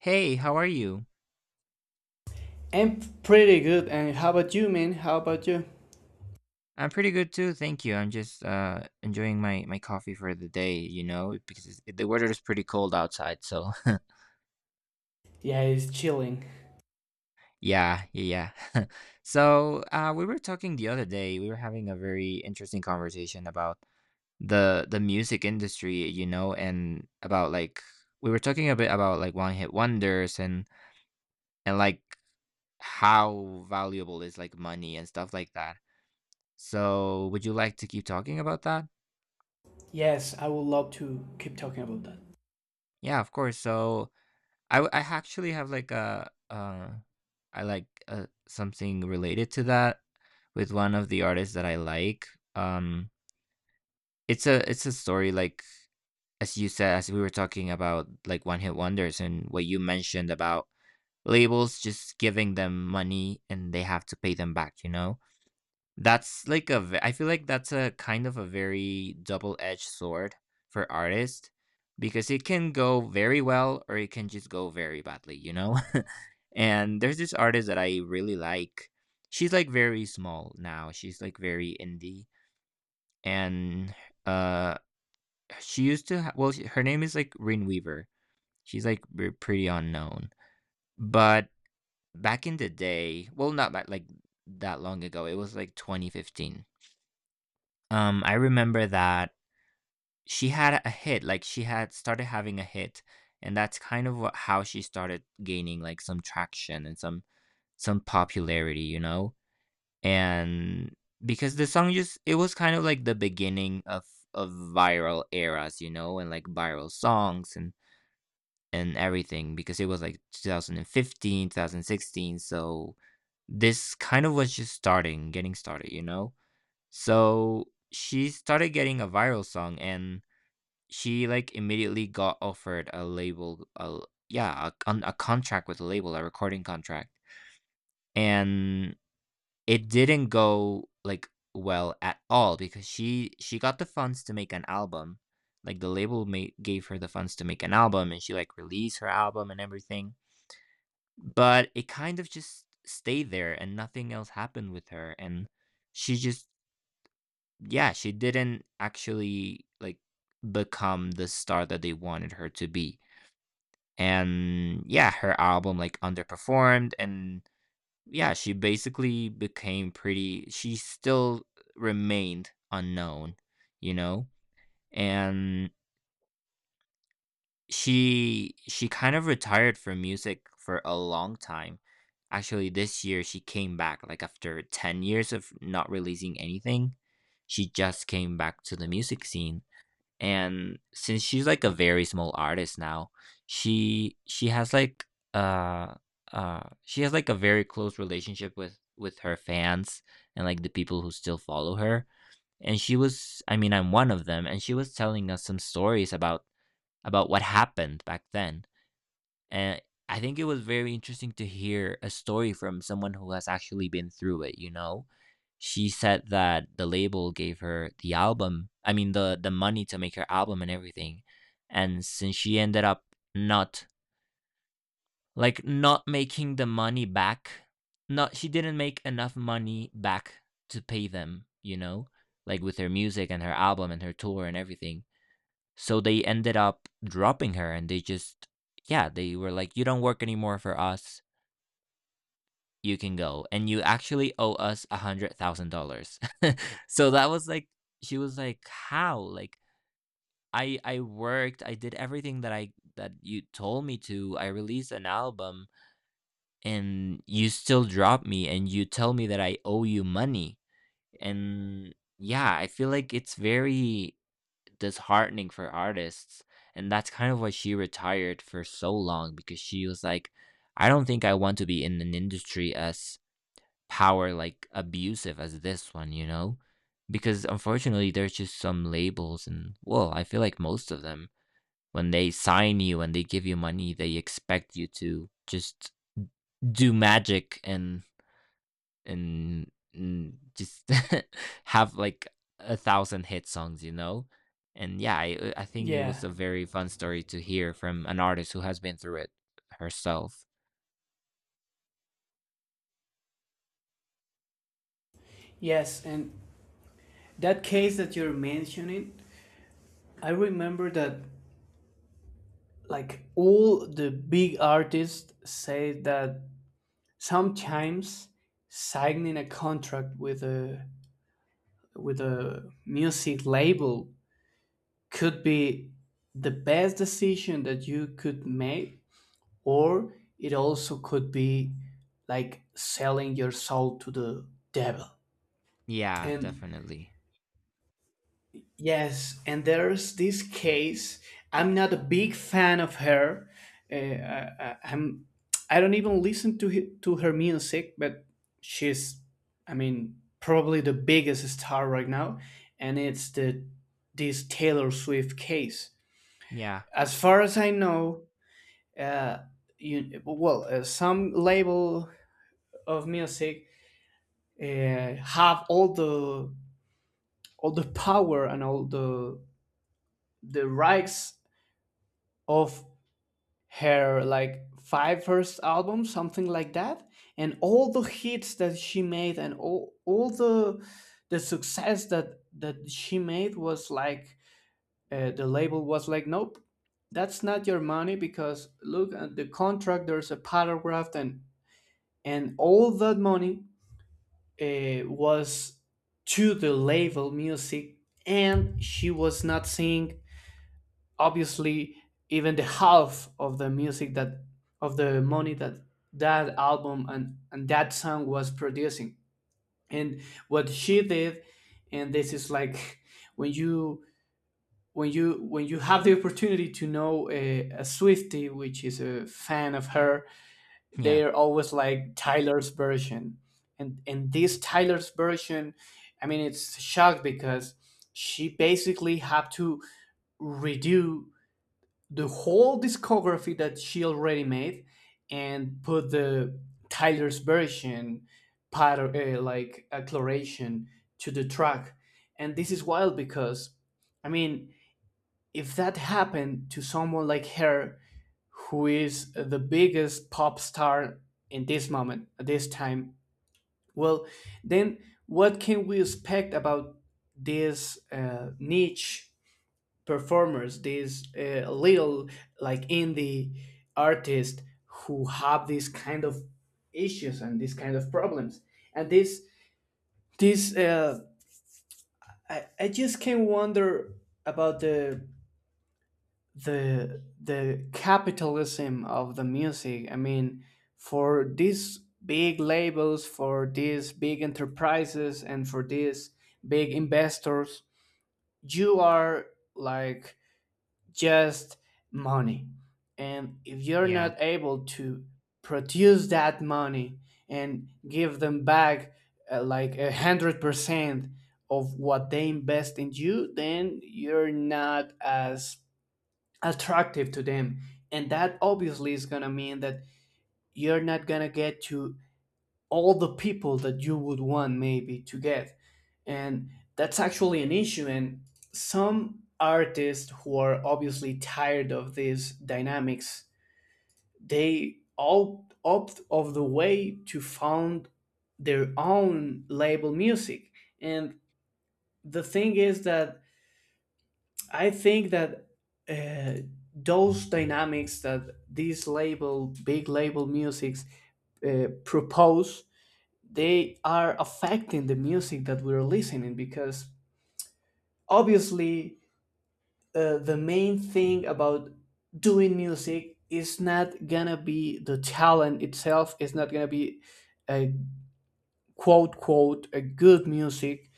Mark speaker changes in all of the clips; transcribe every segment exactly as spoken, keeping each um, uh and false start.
Speaker 1: Hey, how are you?
Speaker 2: I'm pretty good. And how about you, man? How about you?
Speaker 1: I'm pretty good too, thank you. I'm just uh enjoying my my coffee for the day, you know, because it's, the weather is pretty cold outside. So
Speaker 2: Yeah, it's chilling.
Speaker 1: yeah, yeah, yeah. so uh, we were talking the other day. We were having a very interesting conversation about the the music industry, you know, and about like we were talking a bit about like one hit wonders and and like how valuable is like money and stuff like that. So would you like to keep talking about that?
Speaker 2: Yes, I would love to keep talking about that.
Speaker 1: Yeah, of course. So I w- I actually have like a uh, I like uh, something related to that with one of the artists that I like. Um, it's a it's a story like, as you said, as we were talking about like one hit wonders and what you mentioned about labels just giving them money and they have to pay them back. You know, that's like a ve- I feel like that's a kind of a very double edged sword for artists because it can go very well or it can just go very badly. You know. And there's this artist that I really like. She's like very small now. She's like very indie, and uh, she used to ha- well, she, her name is like Rin Weaver. She's like re- pretty unknown, but back in the day, well, not that, like that long ago. It was like twenty fifteen. Um, I remember that she had a hit. Like she had started having a hit, and that's kind of what, how she started gaining like some traction and some some popularity. You know, and because the song just, it was kind of like the beginning of of viral eras, you know, and like viral songs and and everything because it was like two thousand and fifteen, two thousand sixteen. So this kind of was just starting getting started, you know. So she started getting a viral song and she like immediately got offered a label a, yeah, a, con- a contract with a label a recording contract, and it didn't go, like, well at all because she she got the funds to make an album. Like, the label ma gave her the funds to make an album, and she, like, released her album and everything, but it kind of just stayed there and nothing else happened with her, and she just, yeah, she didn't actually, like, become the star that they wanted her to be, and yeah, her album, like, underperformed, and yeah, she basically became pretty she still remained unknown, you know? And she she kind of retired from music for a long time. Actually, this year she came back like after ten years of not releasing anything. She just came back to the music scene, and since she's like a very small artist now, she she has like uh uh she has like a very close relationship with with her fans and like the people who still follow her. And she was I mean I'm one of them, and she was telling us some stories about about what happened back then. And I think it was very interesting to hear a story from someone who has actually been through it, you know? She said that the label gave her the album, I mean, the the money to make her album and everything. And since she ended up not, like, not making the money back, not she didn't make enough money back to pay them, you know? Like with her music and her album and her tour and everything. So they ended up dropping her and they just, yeah, they were like, you don't work anymore for us. You can go. And you actually owe us a hundred thousand dollars. So that was like, she was like, how? Like, I, I worked, I did everything that I, that you told me to. I released an album and you still drop me and you tell me that I owe you money. And yeah, I feel like it's very disheartening for artists. And that's kind of why she retired for so long because she was like, I don't think I want to be in an industry as power like abusive as this one, you know? Because unfortunately, there's just some labels, and well, I feel like most of them, when they sign you and they give you money, they expect you to just do magic and and, and just have like a thousand hit songs, you know? And yeah, I, uh, I think it was
Speaker 2: Yeah.
Speaker 1: a very fun story to hear from an artist who has been through it herself.
Speaker 2: Yes, and that case that you're mentioning, I remember that like all the big artists say that sometimes signing a contract with a with a music label could be the best decision that you could make, or it also could be like selling your soul to the devil.
Speaker 1: Yeah,
Speaker 2: And
Speaker 1: definitely.
Speaker 2: yes, and there's this case. I'm not a big fan of her. Uh, I, I, I'm. I don't even listen to hi- to her music, but she's. I mean, probably the biggest star right now, and it's the this Taylor Swift case.
Speaker 1: Yeah,
Speaker 2: As far as I know, uh, you well, uh, some label of music uh, have all the all the power and all the the rights of her like five first albums, something like that, and all the hits that she made, and all all the the success that that she made was like, uh, the label was like, nope, that's not your money, because look at the contract, there's a paragraph, and and all that money uh, was to the label music, and she was not seeing, obviously, even the half of the music that of the money that that album and, and that song was producing. And what she did, and this is like, when you when you when you have the opportunity to know a, a Swiftie, which is a fan of her,
Speaker 1: yeah,
Speaker 2: they're always like Tyler's version. And and this Tyler's version, I mean, it's shocked because she basically had to redo the whole discography that she already made, and put the Tyler's version part, uh, like acceleration to the track. And this is wild, because I mean, if that happened to someone like her, who is the biggest pop star in this moment, at this time, well, then what can we expect about these uh, niche performers, these uh, little like indie artists who have these kind of issues and these kind of problems? And this, this, uh, I, I just can wonder about the the the capitalism of the music. I mean, for these big labels, for these big enterprises, and for these big investors, you are like just money. And if you're
Speaker 1: yeah,
Speaker 2: not able to produce that money and give them back, uh, like a hundred percent of what they invest in you, then you're not as attractive to them. And that obviously is going to mean that you're not going to get to all the people that you would want maybe to get. And that's actually an issue, and some artists who are obviously tired of these dynamics, they all opt of the way to found their own label music. And the thing is that I think that, uh, those dynamics that these label, big label musics uh, propose, they are affecting the music that we're listening, because obviously, uh, the main thing about doing music is not gonna be the talent itself. It's not gonna be a quote quote a good music.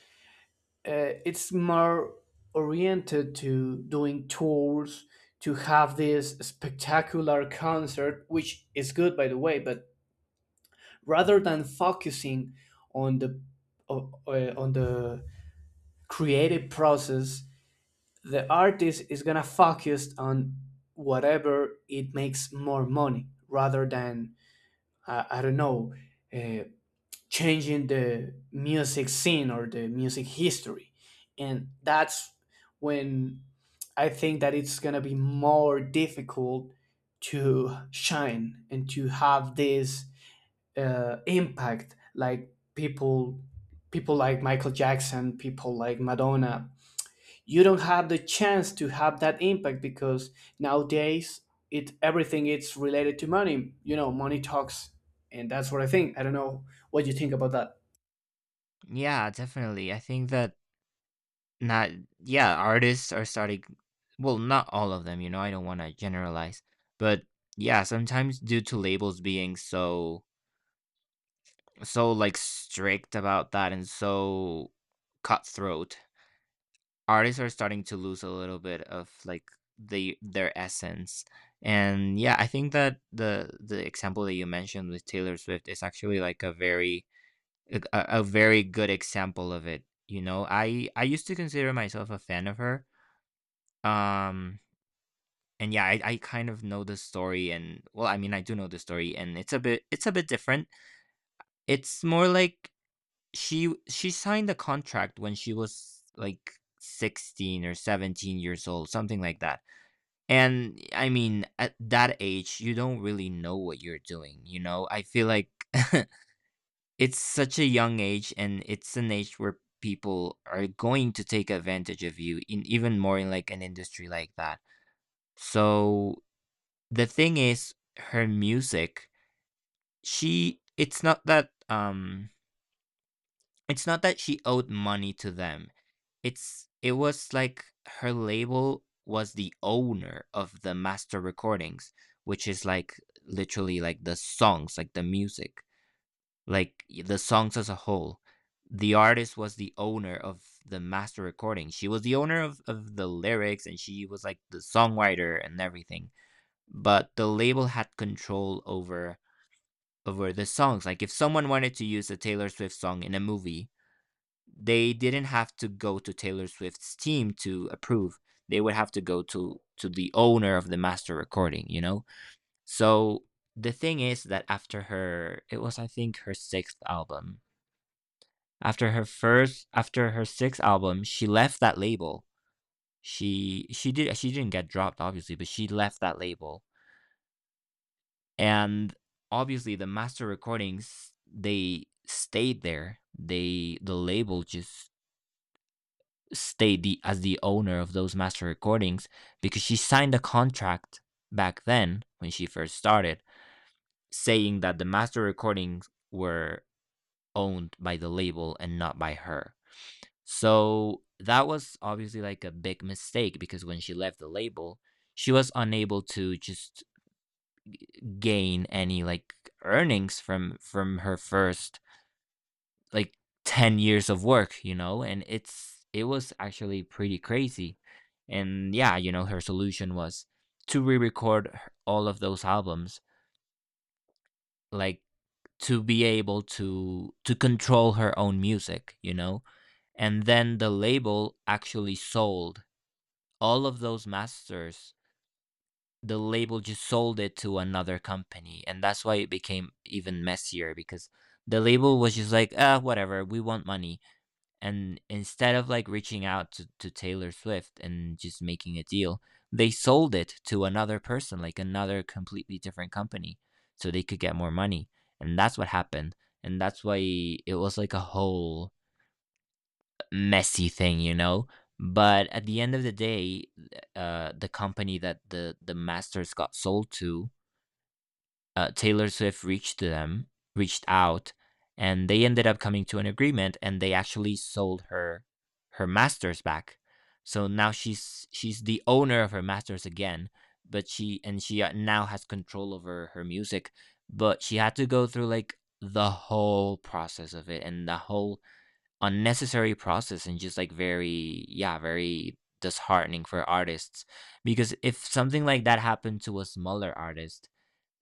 Speaker 2: uh, It's more oriented to doing tours, to have this spectacular concert, which is good, by the way, but rather than focusing on the o- uh, on the creative process, the artist is going to focus on whatever it makes more money, rather than, uh, I don't know uh, changing the music scene or the music history. And that's when I think that it's going to be more difficult to shine and to have this uh, impact like people people like Michael Jackson, people like Madonna. You don't have the chance to have that impact because nowadays it everything is related to money. You know, money talks, and that's what I think. I don't know what you think about that.
Speaker 1: yeah, definitely. I think that not, yeah, artists are starting, well, not all of them, you know, I don't want to generalize, but yeah, sometimes due to labels being so so like strict about that and so cutthroat, artists are starting to lose a little bit of like the their essence. And yeah, I think that the the example that you mentioned with Taylor Swift is actually like a very, a, a a very good example of it, you know. I i used to consider myself a fan of her. um and yeah, i, I kind of know the story, and well, I mean, I do know the story, and it's a bit it's a bit different. It's more like, She she signed a contract when she was, like, sixteen or seventeen years old, something like that, and, I mean, at that age, you don't really know what you're doing, you know? I feel like it's such a young age, and it's an age where people are going to take advantage of you in, even more in, like, an industry like that. So, the thing is, her music, she it's not that, um, it's not that she owed money to them. It's it was like her label was the owner of the master recordings, which is like literally like the songs, like the music, like the songs as a whole. The artist was the owner of the master recording. She was the owner of, of the lyrics, and she was like the songwriter and everything. But the label had control over over the songs. Like if someone wanted to use a Taylor Swift song in a movie, they didn't have to go to Taylor Swift's team to approve. They would have to go to to the owner of the master recording, you know? So the thing is that after her, it was, I think, her sixth album. After her first after her sixth album, she left that label. She she did she didn't get dropped, obviously, but she left that label. And obviously the master recordings, they stayed there. They the label just stay the as the owner of those master recordings because she signed a contract back then when she first started, saying that the master recordings were owned by the label and not by her. So that was obviously like a big mistake because when she left the label, she was unable to just gain any like earnings from from her first like ten years of work, you know, and it's it was actually pretty crazy. And yeah, you know, her solution was to re-record her- all of those albums, like, to be able to to control her own music, you know. And then the label actually sold all of those masters. The label just sold it to another company, and that's why it became even messier because the label was just like, ah, whatever, we want money, and instead of like reaching out to, to Taylor Swift and just making a deal, they sold it to another person, like another completely different company, so they could get more money. And that's what happened, and that's why it was like a whole messy thing, you know. But at the end of the day, uh, the company that the the masters got sold to, uh, Taylor Swift reached them, reached out, and they ended up coming to an agreement, and they actually sold her her masters back. So now she's she's the owner of her masters again, but she and she uh, now has control over her music, but she had to go through like the whole process of it and the whole unnecessary process and just like very, yeah, very disheartening for artists because if something like that happened to a smaller artist,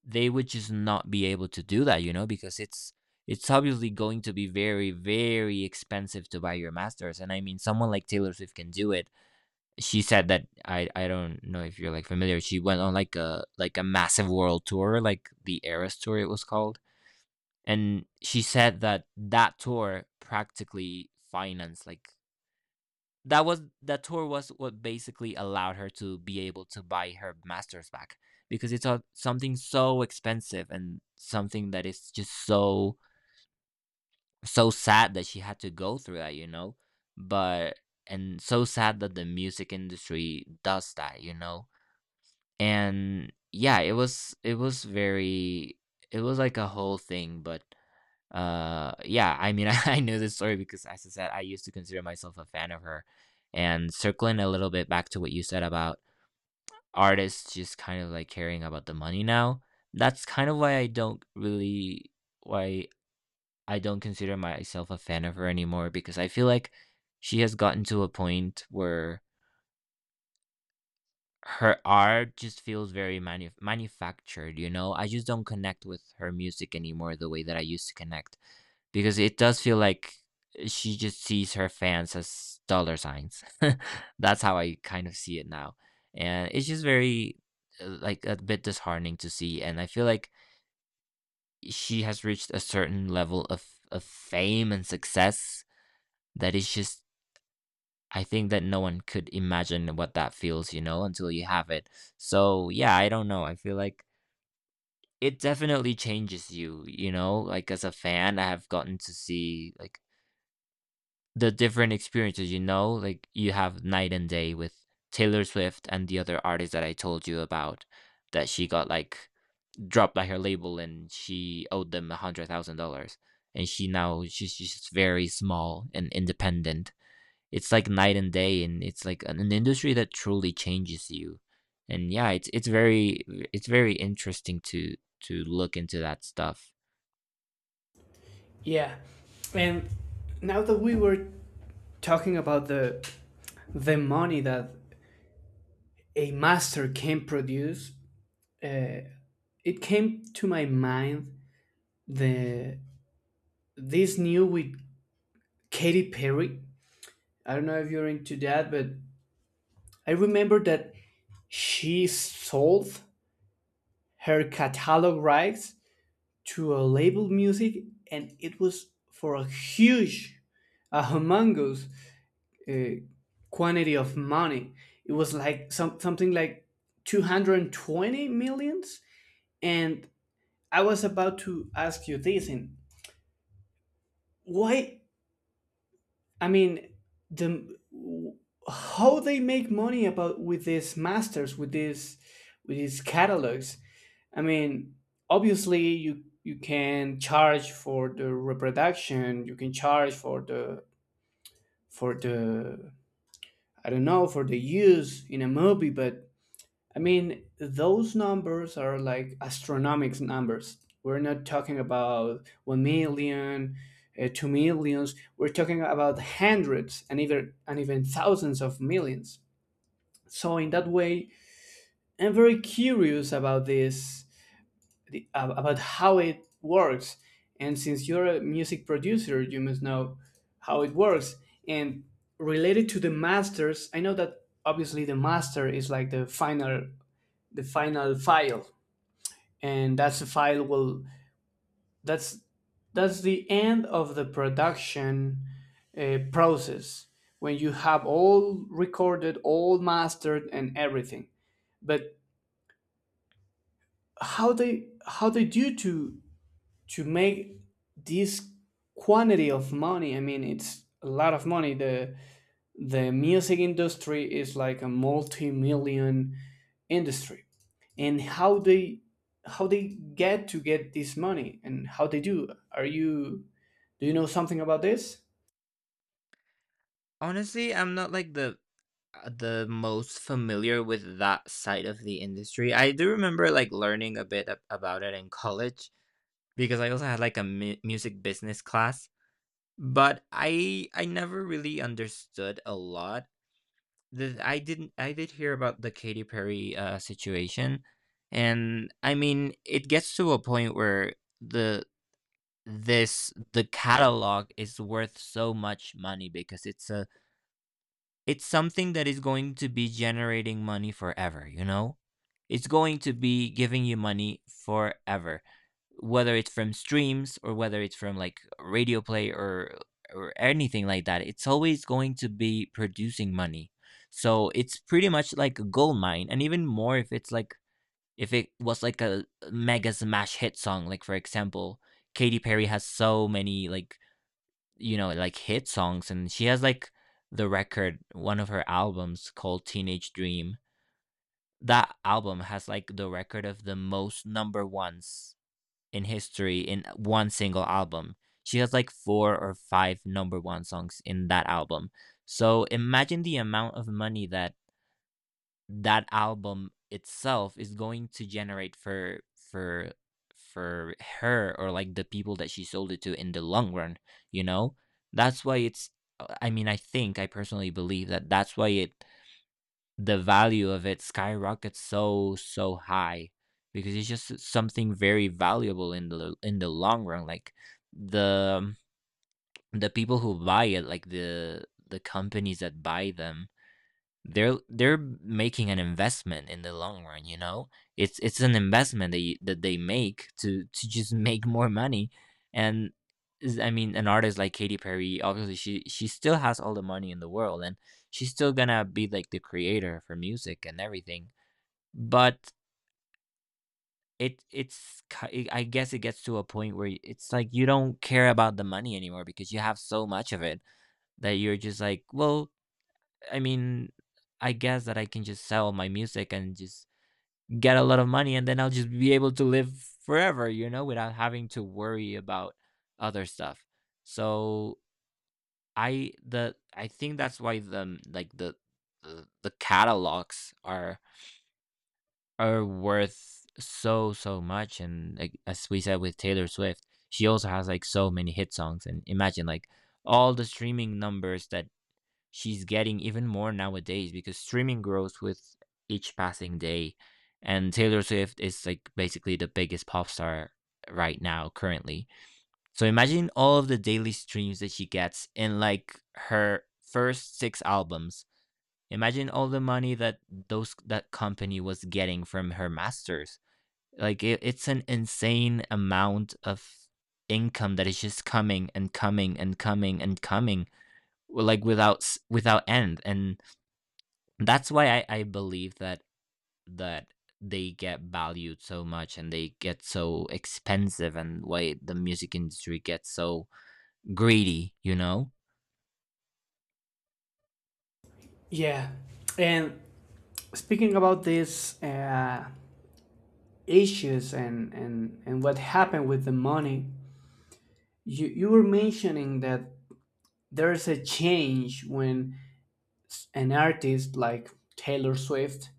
Speaker 1: they would just not be able to do that, you know, because it's it's obviously going to be very, very expensive to buy your masters. And I mean someone like Taylor Swift can do it. She said that i i don't know if you're like familiar, she went on like a like a massive world tour, like the Eras Tour it was called, and she said that that tour practically financed like that was that tour was what basically allowed her to be able to buy her masters back because it's a, something so expensive and something that is just so so sad that she had to go through that, you know. But and so sad that the music industry does that, you know. And yeah, it was it was very, it was like a whole thing, but uh, yeah, I mean, I know this story because, as I said, I used to consider myself a fan of her. And circling a little bit back to what you said about artists just kind of like caring about the money now, that's kind of why I don't really, why I don't consider myself a fan of her anymore because I feel like she has gotten to a point where her art just feels very manu manufactured, you know? I just don't connect with her music anymore the way that I used to connect because it does feel like she just sees her fans as dollar signs. That's how I kind of see it now. And it's just very, uh, like a bit disheartening to see. And I feel like she has reached a certain level of of fame and success that is just, I think that no one could imagine what that feels, you know, until you have it. So, yeah, I don't know. I feel like it definitely changes you, you know? Like, as a fan, I have gotten to see, like, the different experiences, you know? Like, you have night and day with Taylor Swift and the other artist that I told you about, that she got, like, dropped by her label and she owed them a $100,000. And she now, she's she's just very small and independent. It's like night and day, and it's like an, an industry that truly changes you. And yeah, it's it's very, it's very interesting to to look into that stuff.
Speaker 2: Yeah. And now that we were talking about the the money that a master can produce, uh, it came to my mind the this new with Katy Perry. I don't know if you're into that, but I remember that she sold her catalog rights to a label music, and it was for a huge, a humongous uh, quantity of money. It was like some, something like two hundred twenty millions. And I was about to ask you this and why, I mean, the how they make money about with these masters, with these with these catalogs. I mean, obviously you you can charge for the reproduction, you can charge for the for the I don't know, for the use in a movie, but I mean, those numbers are like astronomic numbers. We're not talking about one million, uh, two millions. We're talking about hundreds and even, and even thousands of millions. So, in that way, I'm very curious about this, the, ab- about how it works. And since you're a music producer, you must know how it works. And related to the masters, I know that obviously the master is like the final the final file, and that's the file will that's that's the end of the production uh, process, when you have all recorded, all mastered and everything. But how they how they do to to make this quantity of money. I mean, it's a lot of money. The the music industry is like a multi-million industry. And how they how they get to get this money, and how they do? Are you, do you know something about this?
Speaker 1: Honestly, I'm not like the uh, the most familiar with that side of the industry. I do remember like learning a bit ab- about it in college because I also had like a mu- music business class, but I I never really understood a lot. The I didn't, I did hear about the Katy Perry, uh, situation, and, I mean, it gets to a point where the this, the catalog is worth so much money because it's a, it's something that is going to be generating money forever, you know? It's going to be giving you money forever, whether it's from streams or whether it's from like radio play or or anything like that. It's always going to be producing money. So it's pretty much like a gold mine, and even more if it's like if it was like a mega smash hit song, like for example, Katy Perry has so many like, you know, like hit songs. And she has like the record, one of her albums called Teenage Dream. That album has like the record of the most number ones in history in one single album. She has like four or five number one songs in that album. So imagine the amount of money that that album itself is going to generate for for for her or, like, the people that she sold it to in the long run, you know? That's why it's uh, I mean, I think I personally believe that that's why it, the value of it skyrockets so, so high because it's just something very valuable in the in the long run, like, the the people who buy it, like, the the companies that buy them, they're they're making an investment in the long run, you know. It's it's an investment that, you, that they make to to just make more money. And is- I mean, an artist like Katy Perry, obviously she she still has all the money in the world, and she's still going to be like the creator for music and everything, but it it's ki- I guess it gets to a point where it's like you don't care about the money anymore because you have so much of it that you're just like, well, I mean, I guess that I can just sell my music and just get a lot of money, and then I'll just be able to live forever, you know, without having to worry about other stuff. So I the I think that's why the, like the, the, the catalogs are are worth so so much. And like as we said with Taylor Swift, she also has like so many hit songs, and imagine like all the streaming numbers that she's getting even more nowadays because streaming grows with each passing day. And Taylor Swift is like basically the biggest pop star right now, currently. So imagine all of the daily streams that she gets in like her first six albums. Imagine all the money that those, that company was getting from her masters. Like it, it's an insane amount of income that is just coming and coming and coming and coming like without without end. And that's why I, I believe that that they get valued so much and they get so expensive and why the music industry gets so greedy, you know?
Speaker 2: Yeah. And speaking about these uh, issues and, and and what happened with the money, you you were mentioning that there's a change when an artist like Taylor Swift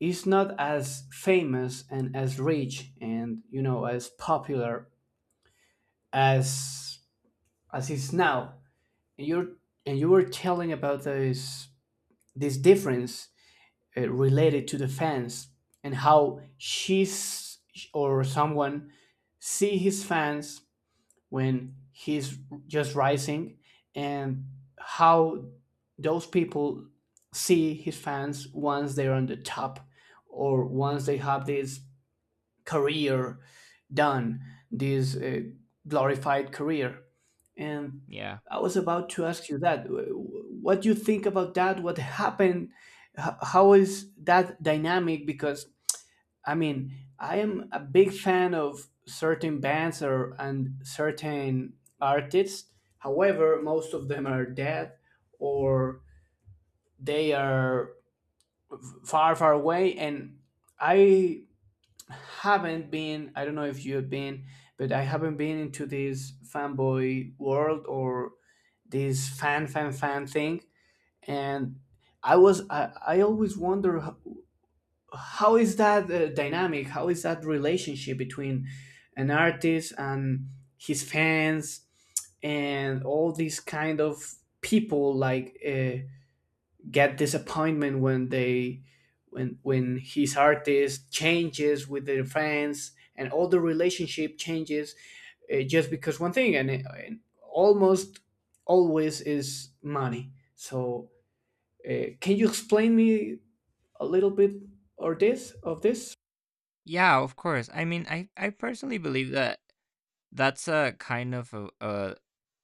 Speaker 2: is not as famous and as rich and, you know, as popular as as is now. And you're and you were telling about this this difference uh, related to the fans, and how she's, or someone, see his fans when he's just rising, and how those people see his fans once they're on the top, or once they have this career done, this uh, glorified career. And
Speaker 1: Yeah.
Speaker 2: I was about to ask you that. What do you think about that? What happened? H- How is that dynamic? Because I mean, I am a big fan of certain bands or and certain artists. However, most of them are dead or they are far, far away, and I haven't been, I don't know if you've been, but I haven't been into this fanboy world, or this fan fan fan thing. And i was i, I always wonder how, how is that uh, dynamic, how is that relationship between an artist and his fans, and all these kind of people like uh, get disappointment when they when when his artist changes with their fans and all the relationship changes, uh, just because one thing, and, and almost always is money. So, uh, can you explain me a little bit or this of this?
Speaker 1: Yeah, of course. I mean, I, I personally believe that that's a kind of a, a,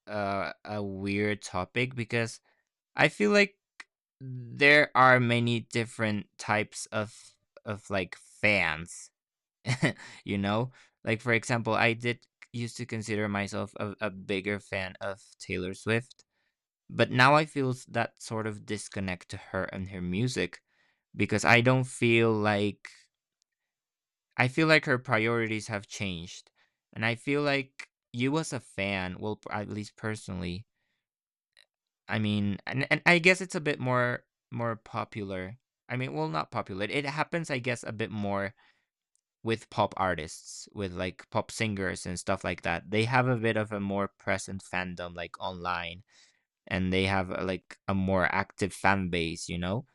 Speaker 1: a, a weird topic because I feel like there are many different types of of like fans, you know? Like, for example, I did used to consider myself a, a bigger fan of Taylor Swift, but now I feel s- that sort of disconnect to her and her music because I don't feel like, I feel like her priorities have changed. And I feel like you as a fan, well, p- at least personally, I mean, and, and I guess it's a bit more, more popular. I mean, well, not popular. It happens, I guess, a bit more with pop artists, with like pop singers and stuff like that. They have a bit of a more present fandom, like online, and they have a, like a more active fan base, you know?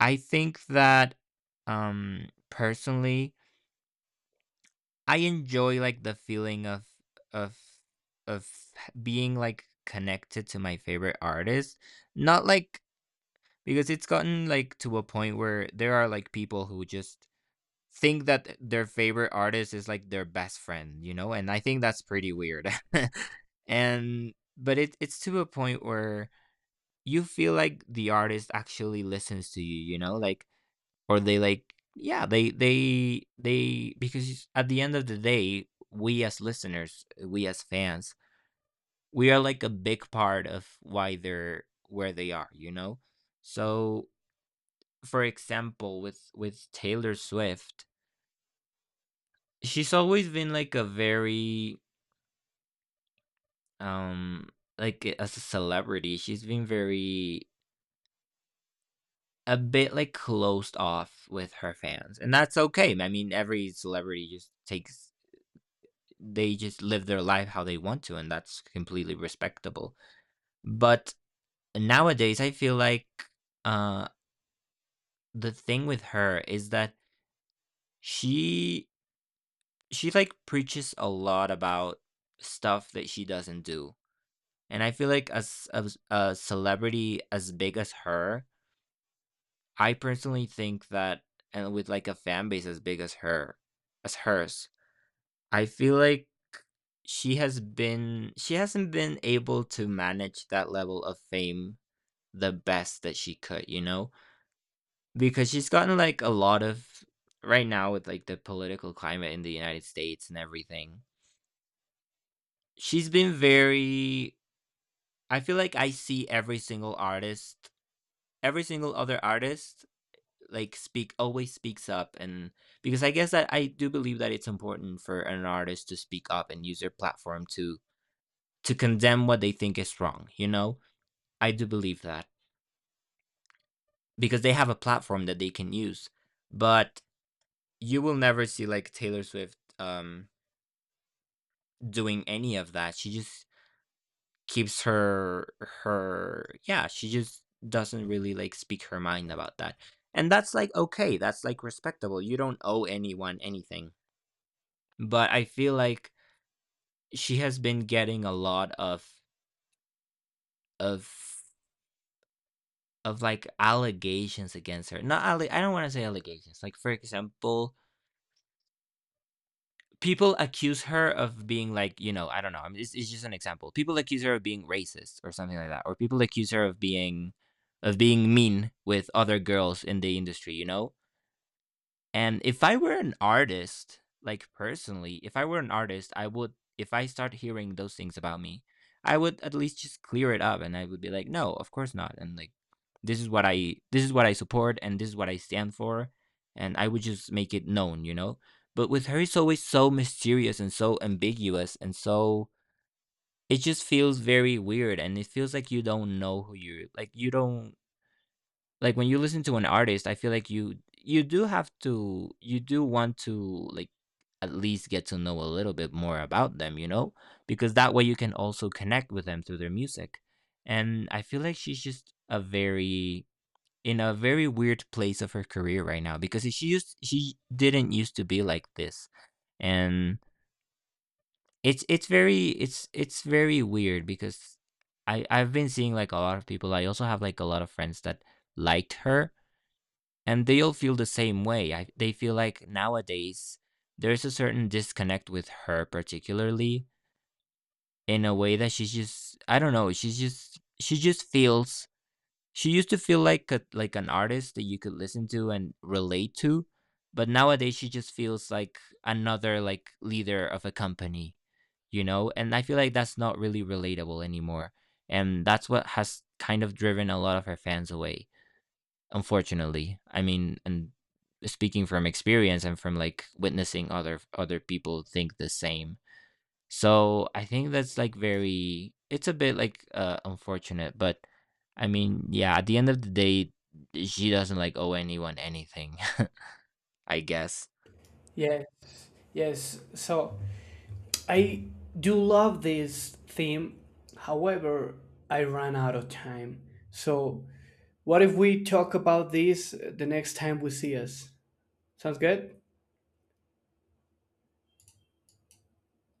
Speaker 1: I think that, um, personally, I enjoy like the feeling of, of, of being like connected to my favorite artist. Not like, because it's gotten like to a point where there are like people who just think that their favorite artist is like their best friend, you know? And I think that's pretty weird. And but it it's to a point where you feel like the artist actually listens to you, you know? Like or they like, yeah, they they they because at the end of the day, we as listeners, we as fans, we are like a big part of why they're where they are, you know? So for example, with with Taylor Swift, she's always been like a very um like a- as a celebrity, she's been very a bit like closed off with her fans. And that's okay. I mean, every celebrity just takes, they just live their life how they want to, and that's completely respectable. But nowadays I feel like uh the thing with her is that she she like preaches a lot about stuff that she doesn't do. And I feel like as as a celebrity as big as her, I personally think that, and with like a fan base as big as her as hers, I feel like she has been she hasn't been able to manage that level of fame the best that she could, you know? Because she's gotten like a lot of, right now with like the political climate in the United States and everything. She's been very, I feel like I see every single artist, every single other artist like speak always speaks up. And because I guess that I do believe that it's important for an artist to speak up and use their platform to to condemn what they think is wrong, you know. I do believe that because they have a platform that they can use. But you will never see like Taylor Swift, um doing any of that. She just keeps her her yeah, she just doesn't really like speak her mind about that. And that's like okay, that's like respectable, you don't owe anyone anything. But I feel like she has been getting a lot of of of like allegations against her. Not alle- I don't want to say allegations. Like for example, people accuse her of being like, you know, I don't know. I mean, it's, it's just an example. People accuse her of being racist or something like that, or people accuse her of being of being mean with other girls in the industry. You know, and if I were an artist, like personally, if I were an artist, I would, if I start hearing those things about me, I would at least just clear it up, and I would be like, no, of course not. And like, this is what I, this is what I support and this is what I stand for. And I would just make it known, you know? But with her, it's always so mysterious and so ambiguous and so, it just feels very weird and it feels like you don't know who you're, like, you don't, like when you listen to an artist I feel like you you do have to you do want to, like, at least get to know a little bit more about them, you know, because that way you can also connect with them through their music. And I feel like she's just a very, in a very weird place of her career right now because she used she didn't used to be like this. And it's it's very, it's it's very weird because i i've been seeing like a lot of people, I also have like a lot of friends that liked her, and they all feel the same way. I, they feel like nowadays there's a certain disconnect with her, particularly in a way that she's just, I don't know. She's just she just feels, she used to feel like a, like an artist that you could listen to and relate to, but nowadays she just feels like another like leader of a company, you know. And I feel like that's not really relatable anymore, and that's what has kind of driven a lot of her fans away. Unfortunately, I mean, and speaking from experience and from like witnessing other other people think the same. So I think that's like very. It's a bit like uh, unfortunate, but I mean, yeah. At the end of the day, she doesn't like owe anyone anything. I guess.
Speaker 2: Yes, yes. So I do love this theme. However, I ran out of time. So, what if we talk about this uh, the next time we see us? Sounds good?